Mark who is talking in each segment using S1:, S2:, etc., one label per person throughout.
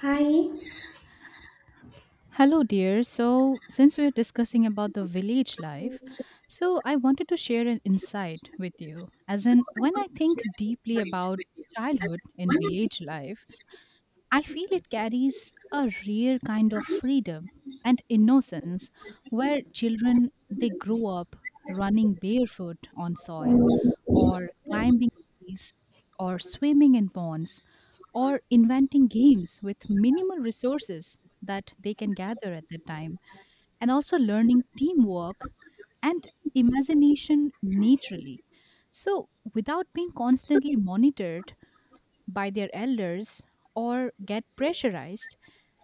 S1: Hi.
S2: Hello, dear. So, since we're discussing about the village life, so I wanted to share an insight with you. As in, when I think deeply about childhood in village life, I feel it carries a rare kind of freedom and innocence where children they grow up running barefoot on soil or climbing trees or swimming in ponds or inventing games with minimal resources that they can gather at the time, and also learning teamwork and imagination naturally. So, without being constantly monitored by their elders or get pressurized,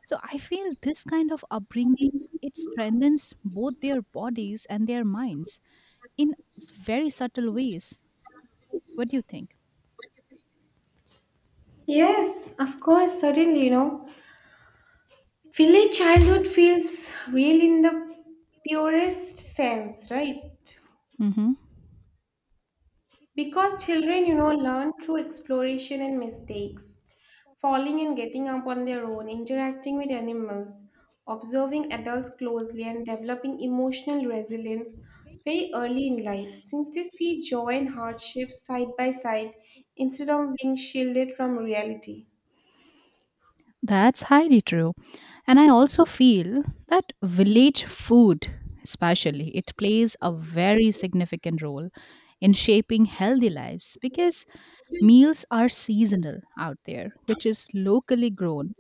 S2: so I feel this kind of upbringing it strengthens both their bodies and their minds in very subtle ways. What do you think?
S1: Yes, of course, certainly, you know. Village childhood feels real in the purest sense, right?
S2: Mm-hmm.
S1: Because children, you know, learn through exploration and mistakes, falling and getting up on their own, interacting with animals, observing adults closely, and developing emotional resilience very early in life, since they see joy and hardship side by side instead of being shielded from reality.
S2: That's highly true. And I also feel that village food, especially, it plays a very significant role in shaping healthy lives because meals are seasonal out there, which is locally grown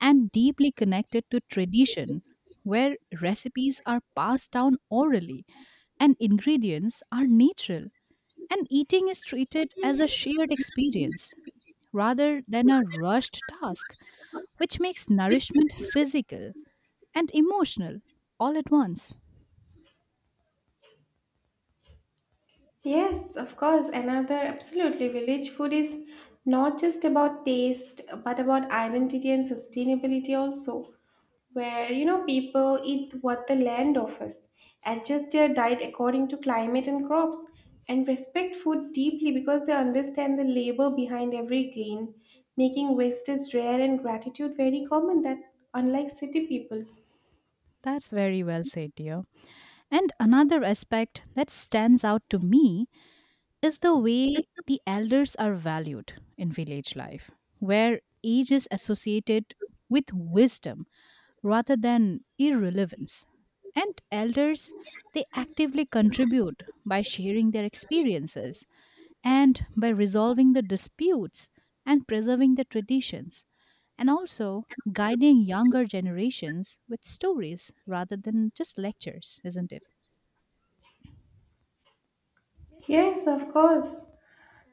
S2: and deeply connected to tradition, where recipes are passed down orally and ingredients are natural, and eating is treated as a shared experience rather than a rushed task, which makes nourishment physical and emotional all at once.
S1: Yes, of course. Another absolutely village food is not just about taste, but about identity and sustainability also, where you know people eat what the land offers, adjust their diet according to climate and crops, and respect food deeply because they understand the labor behind every grain, making waste is rare and gratitude very common that unlike city people.
S2: That's very well said, dear. And another aspect that stands out to me is the way the elders are valued in village life, where age is associated with wisdom rather than irrelevance. And elders, they actively contribute by sharing their experiences, and by resolving the disputes and preserving the traditions, and also guiding younger generations with stories rather than just lectures, isn't it?
S1: Yes, of course.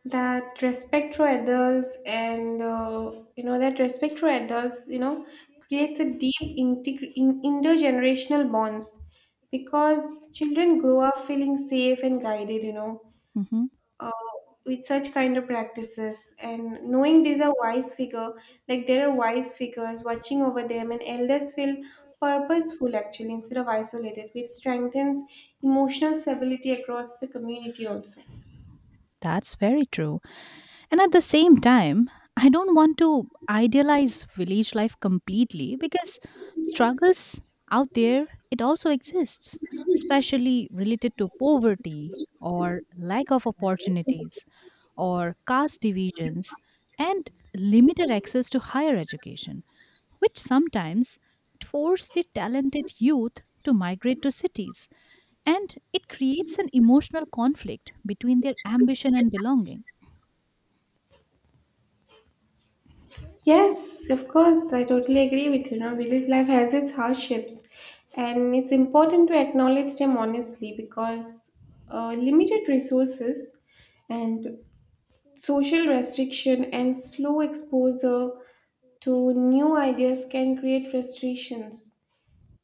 S1: That respect for adults, you know, creates a deep intergenerational bonds because children grow up feeling safe and guided, you know,
S2: Hmm.
S1: uh, with such kind of practices and knowing these are wise figure, like there are wise figures watching over them, and elders feel purposeful actually instead of isolated, which strengthens emotional stability across the community also.
S2: That's very true. And at the same time, I don't want to idealize village life completely because struggles out there, it also exists, especially related to poverty or lack of opportunities or caste divisions and limited access to higher education, which sometimes force the talented youth to migrate to cities and it creates an emotional conflict between their ambition and belonging.
S1: Yes, of course, I totally agree with you. Now, village life has its hardships, and it's important to acknowledge them honestly because limited resources and social restriction and slow exposure to new ideas can create frustrations,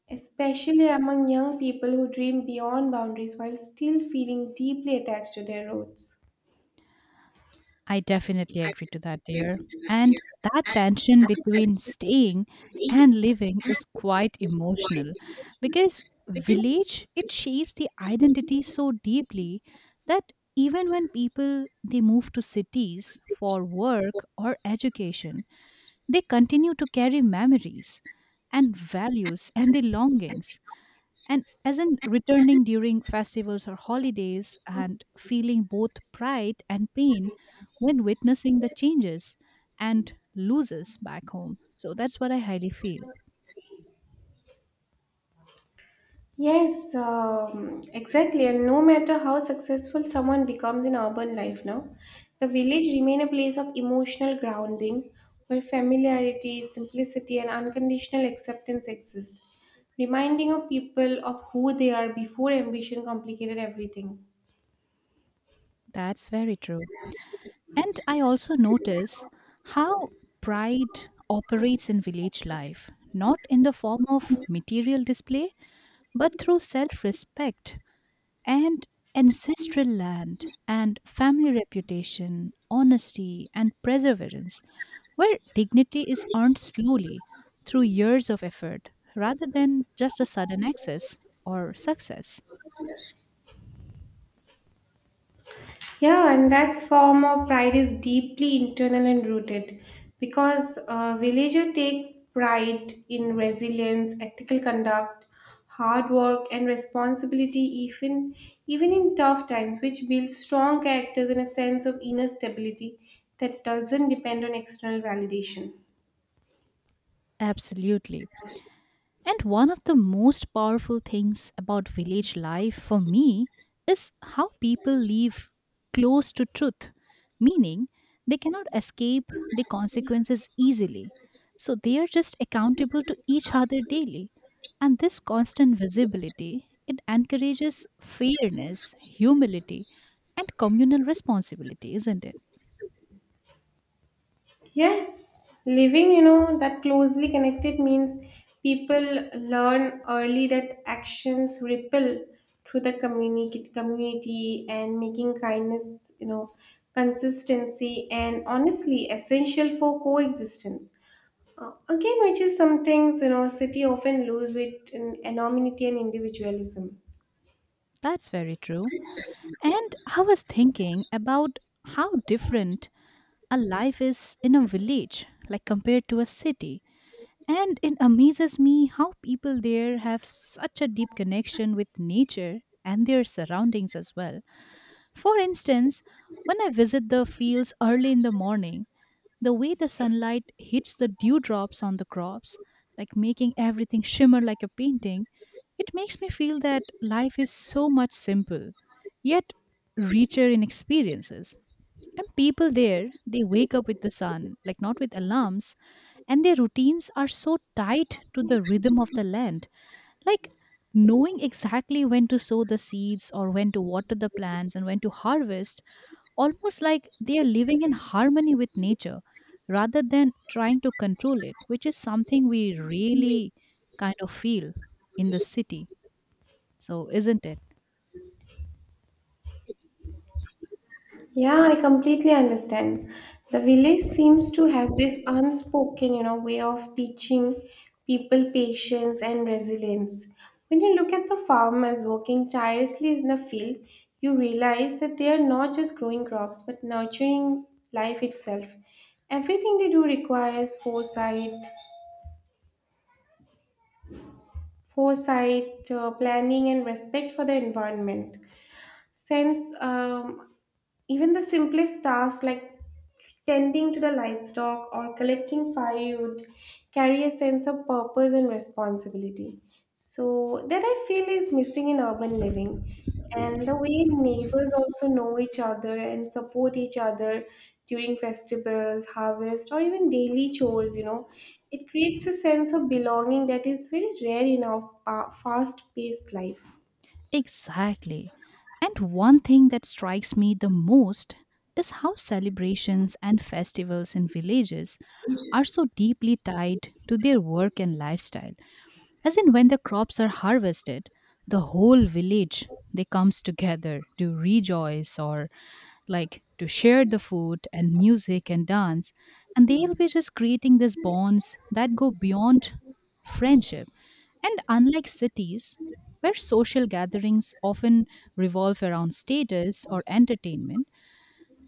S1: especially among young people who dream beyond boundaries while still feeling deeply attached to their roots.
S2: I definitely agree to that, dear. And that tension between staying and living is quite emotional because village it shapes the identity so deeply that even when people they move to cities for work or education they continue to carry memories and values and the longings and as in returning during festivals or holidays and feeling both pride and pain when witnessing the changes and loses back home. So that's what I highly feel.
S1: Yes, exactly. And no matter how successful someone becomes in urban life now, the village remain a place of emotional grounding where familiarity, simplicity, and unconditional acceptance exist, reminding of people of who they are before ambition complicated everything.
S2: That's very true. And I also notice how pride operates in village life, not in the form of material display, but through self respect and ancestral land and family reputation, honesty, and perseverance, where dignity is earned slowly through years of effort rather than just a sudden access or success.
S1: Yeah, and that's form of pride is deeply internal and rooted because villagers take pride in resilience, ethical conduct, hard work, and responsibility, even in tough times, which builds strong characters and a sense of inner stability that doesn't depend on external validation.
S2: Absolutely. And one of the most powerful things about village life for me is how people live close to truth, meaning they cannot escape the consequences easily. So they are just accountable to each other daily. And this constant visibility, it encourages fairness, humility, and communal responsibility, isn't it?
S1: Yes, living, you know, that closely connected means people learn early that actions ripple through the community and making kindness, you know, consistency and honestly essential for coexistence. Again, which is some things, you know, city often lose with an anonymity and individualism.
S2: That's very true. And I was thinking about how different a life is in a village like compared to a city, and it amazes me how people there have such a deep connection with nature and their surroundings as well. For instance, when I visit the fields early in the morning, the way the sunlight hits the dewdrops on the crops, like making everything shimmer like a painting, it makes me feel that life is so much simple yet richer in experiences. And people there, they wake up with the sun, like not with alarms, and their routines are so tied to the rhythm of the land. Like knowing exactly when to sow the seeds or when to water the plants and when to harvest, almost like they are living in harmony with nature rather than trying to control it, which is something we really kind of feel in the city. So, isn't it?
S1: Yeah, I completely understand. The village seems to have this unspoken, you know, way of teaching people patience and resilience. When you look at the farmers working tirelessly in the field, you realize that they are not just growing crops but nurturing life itself. Everything they do requires foresight, planning, and respect for the environment. Since even the simplest tasks like tending to the livestock or collecting firewood carry a sense of purpose and responsibility. So that I feel is missing in urban living. And the way neighbors also know each other and support each other during festivals, harvest, or even daily chores, you know, it creates a sense of belonging that is very rare in our fast-paced life.
S2: Exactly. And one thing that strikes me the most is how celebrations and festivals in villages are so deeply tied to their work and lifestyle. As in when the crops are harvested, the whole village they comes together to rejoice or like to share the food and music and dance, and they'll be just creating these bonds that go beyond friendship. And unlike cities where social gatherings often revolve around status or entertainment,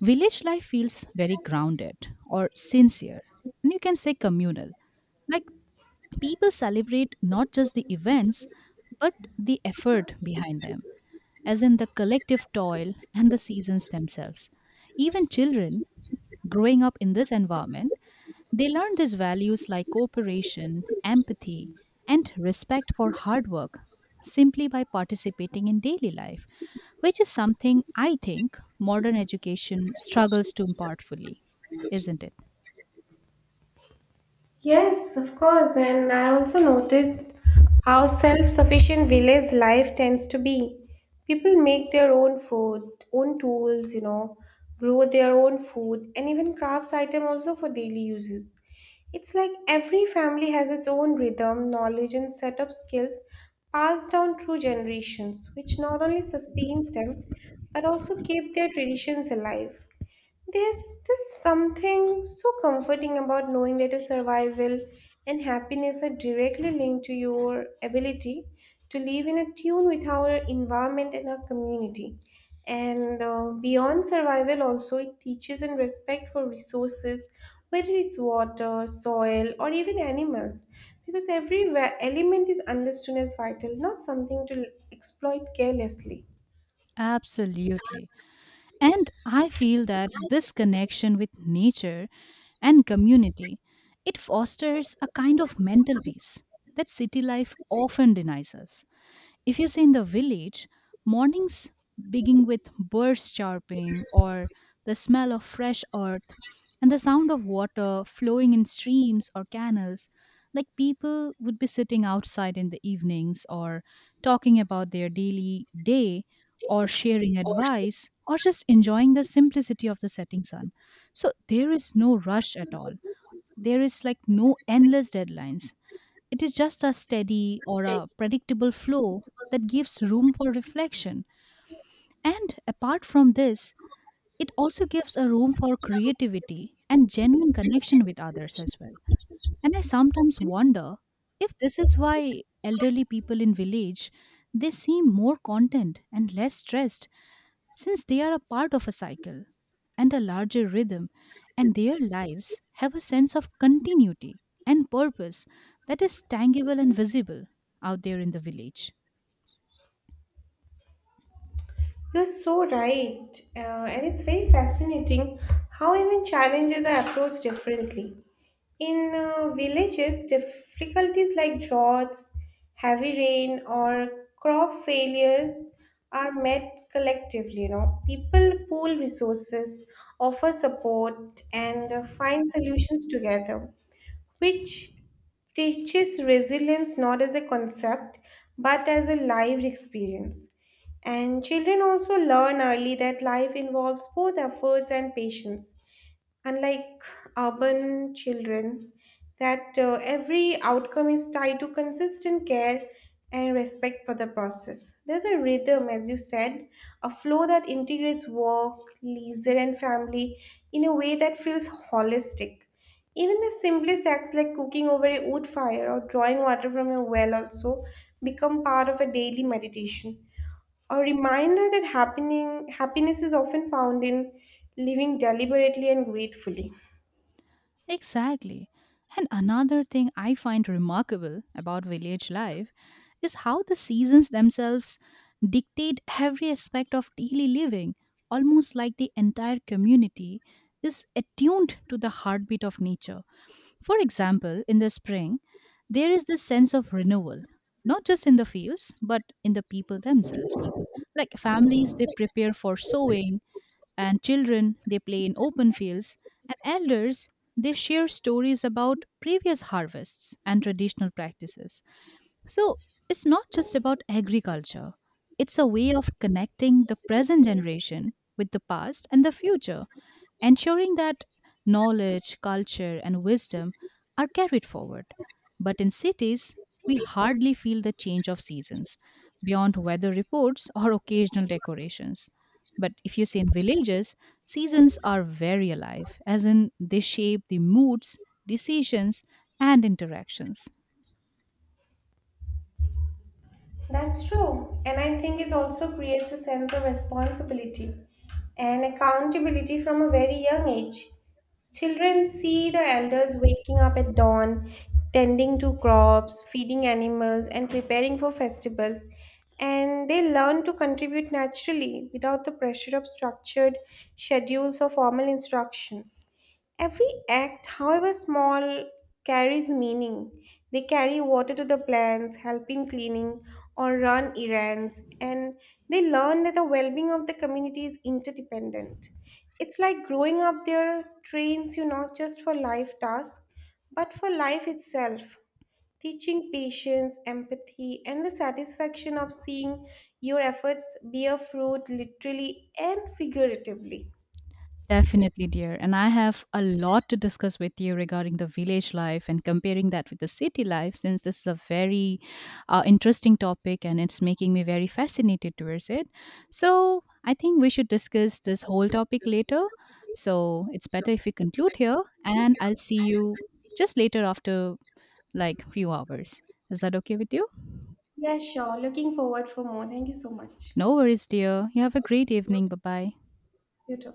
S2: village life feels very grounded or sincere, and you can say communal. Like people celebrate not just the events but the effort behind them, as in the collective toil and the seasons themselves. Even children growing up in this environment, they learn these values like cooperation, empathy, and respect for hard work simply by participating in daily life, which is something I think modern education struggles to impart fully, isn't it?
S1: Yes, of course. And I also noticed how self sufficient village life tends to be. People make their own food, own tools, you know, grow their own food, and even crafts item also for daily uses. It's like every family has its own rhythm, knowledge, and set of skills passed down through generations, which not only sustains them but also keep their traditions alive. There's this something so comforting about knowing that your survival and happiness are directly linked to your ability to live in a tune with our environment and our community. And beyond survival, also, it teaches and respect for resources, whether it's water, soil, or even animals, because every element is understood as vital, not something to exploit carelessly.
S2: Absolutely. And I feel that this connection with nature and community, it fosters a kind of mental peace that city life often denies us. If you say in the village, mornings begin with birds chirping or the smell of fresh earth and the sound of water flowing in streams or canals. Like people would be sitting outside in the evenings or talking about their daily day or sharing advice or just enjoying the simplicity of the setting sun. So there is no rush at all. There is like no endless deadlines, it is just a steady or a predictable flow that gives room for reflection. And apart from this, it also gives a room for creativity and genuine connection with others as well. And I sometimes wonder if this is why elderly people in village they seem more content and less stressed, since they are a part of a cycle and a larger rhythm, and their lives have a sense of continuity and purpose that is tangible and visible out there in the village.
S1: You're so right. And it's very fascinating how even challenges are approached differently. In villages, difficulties like droughts, heavy rain, or crop failures are met collectively. You know, people pool resources, offer support, and find solutions together, which teaches resilience not as a concept but as a lived experience. And children also learn early that life involves both efforts and patience, unlike urban children, that every outcome is tied to consistent care and respect for the process. There's a rhythm, as you said, a flow that integrates work, leisure, and family in a way that feels holistic. Even the simplest acts like cooking over a wood fire or drawing water from a well also become part of a daily meditation. A reminder that happening happiness is often found in living deliberately and gratefully.
S2: Exactly. And another thing I find remarkable about village life is how the seasons themselves dictate every aspect of daily living, almost like the entire community is attuned to the heartbeat of nature. For example, in the spring, there is this sense of renewal, not just in the fields, but in the people themselves. Like families, they prepare for sowing, and children they play in open fields, and elders they share stories about previous harvests and traditional practices. So it's not just about agriculture, it's a way of connecting the present generation with the past and the future, ensuring that knowledge, culture, and wisdom are carried forward. But in cities, we hardly feel the change of seasons beyond weather reports or occasional decorations. But if you say in villages, seasons are very alive, as in they shape the moods, decisions, and interactions.
S1: That's true. And I think it also creates a sense of responsibility and accountability from a very young age. Children see the elders waking up at dawn, tending to crops, feeding animals, and preparing for festivals. And they learn to contribute naturally without the pressure of structured schedules or formal instructions. Every act, however small, carries meaning. They carry water to the plants, help in cleaning, or run errands, and they learn that the well being of the community is interdependent. It's like growing up there trains you not just for life tasks, but for life itself, teaching patience, empathy, and the satisfaction of seeing your efforts bear fruit literally and figuratively.
S2: Definitely, dear. And I have a lot to discuss with you regarding the village life and comparing that with the city life, since this is a very interesting topic and it's making me very fascinated towards it. So I think we should discuss this whole topic later. So it's better if we conclude here, and I'll see you just later after like few hours. Is that okay with you?
S1: Yeah, sure. Looking forward for more. Thank you so much.
S2: No worries, dear. You have a great evening. Bye bye.
S1: You too.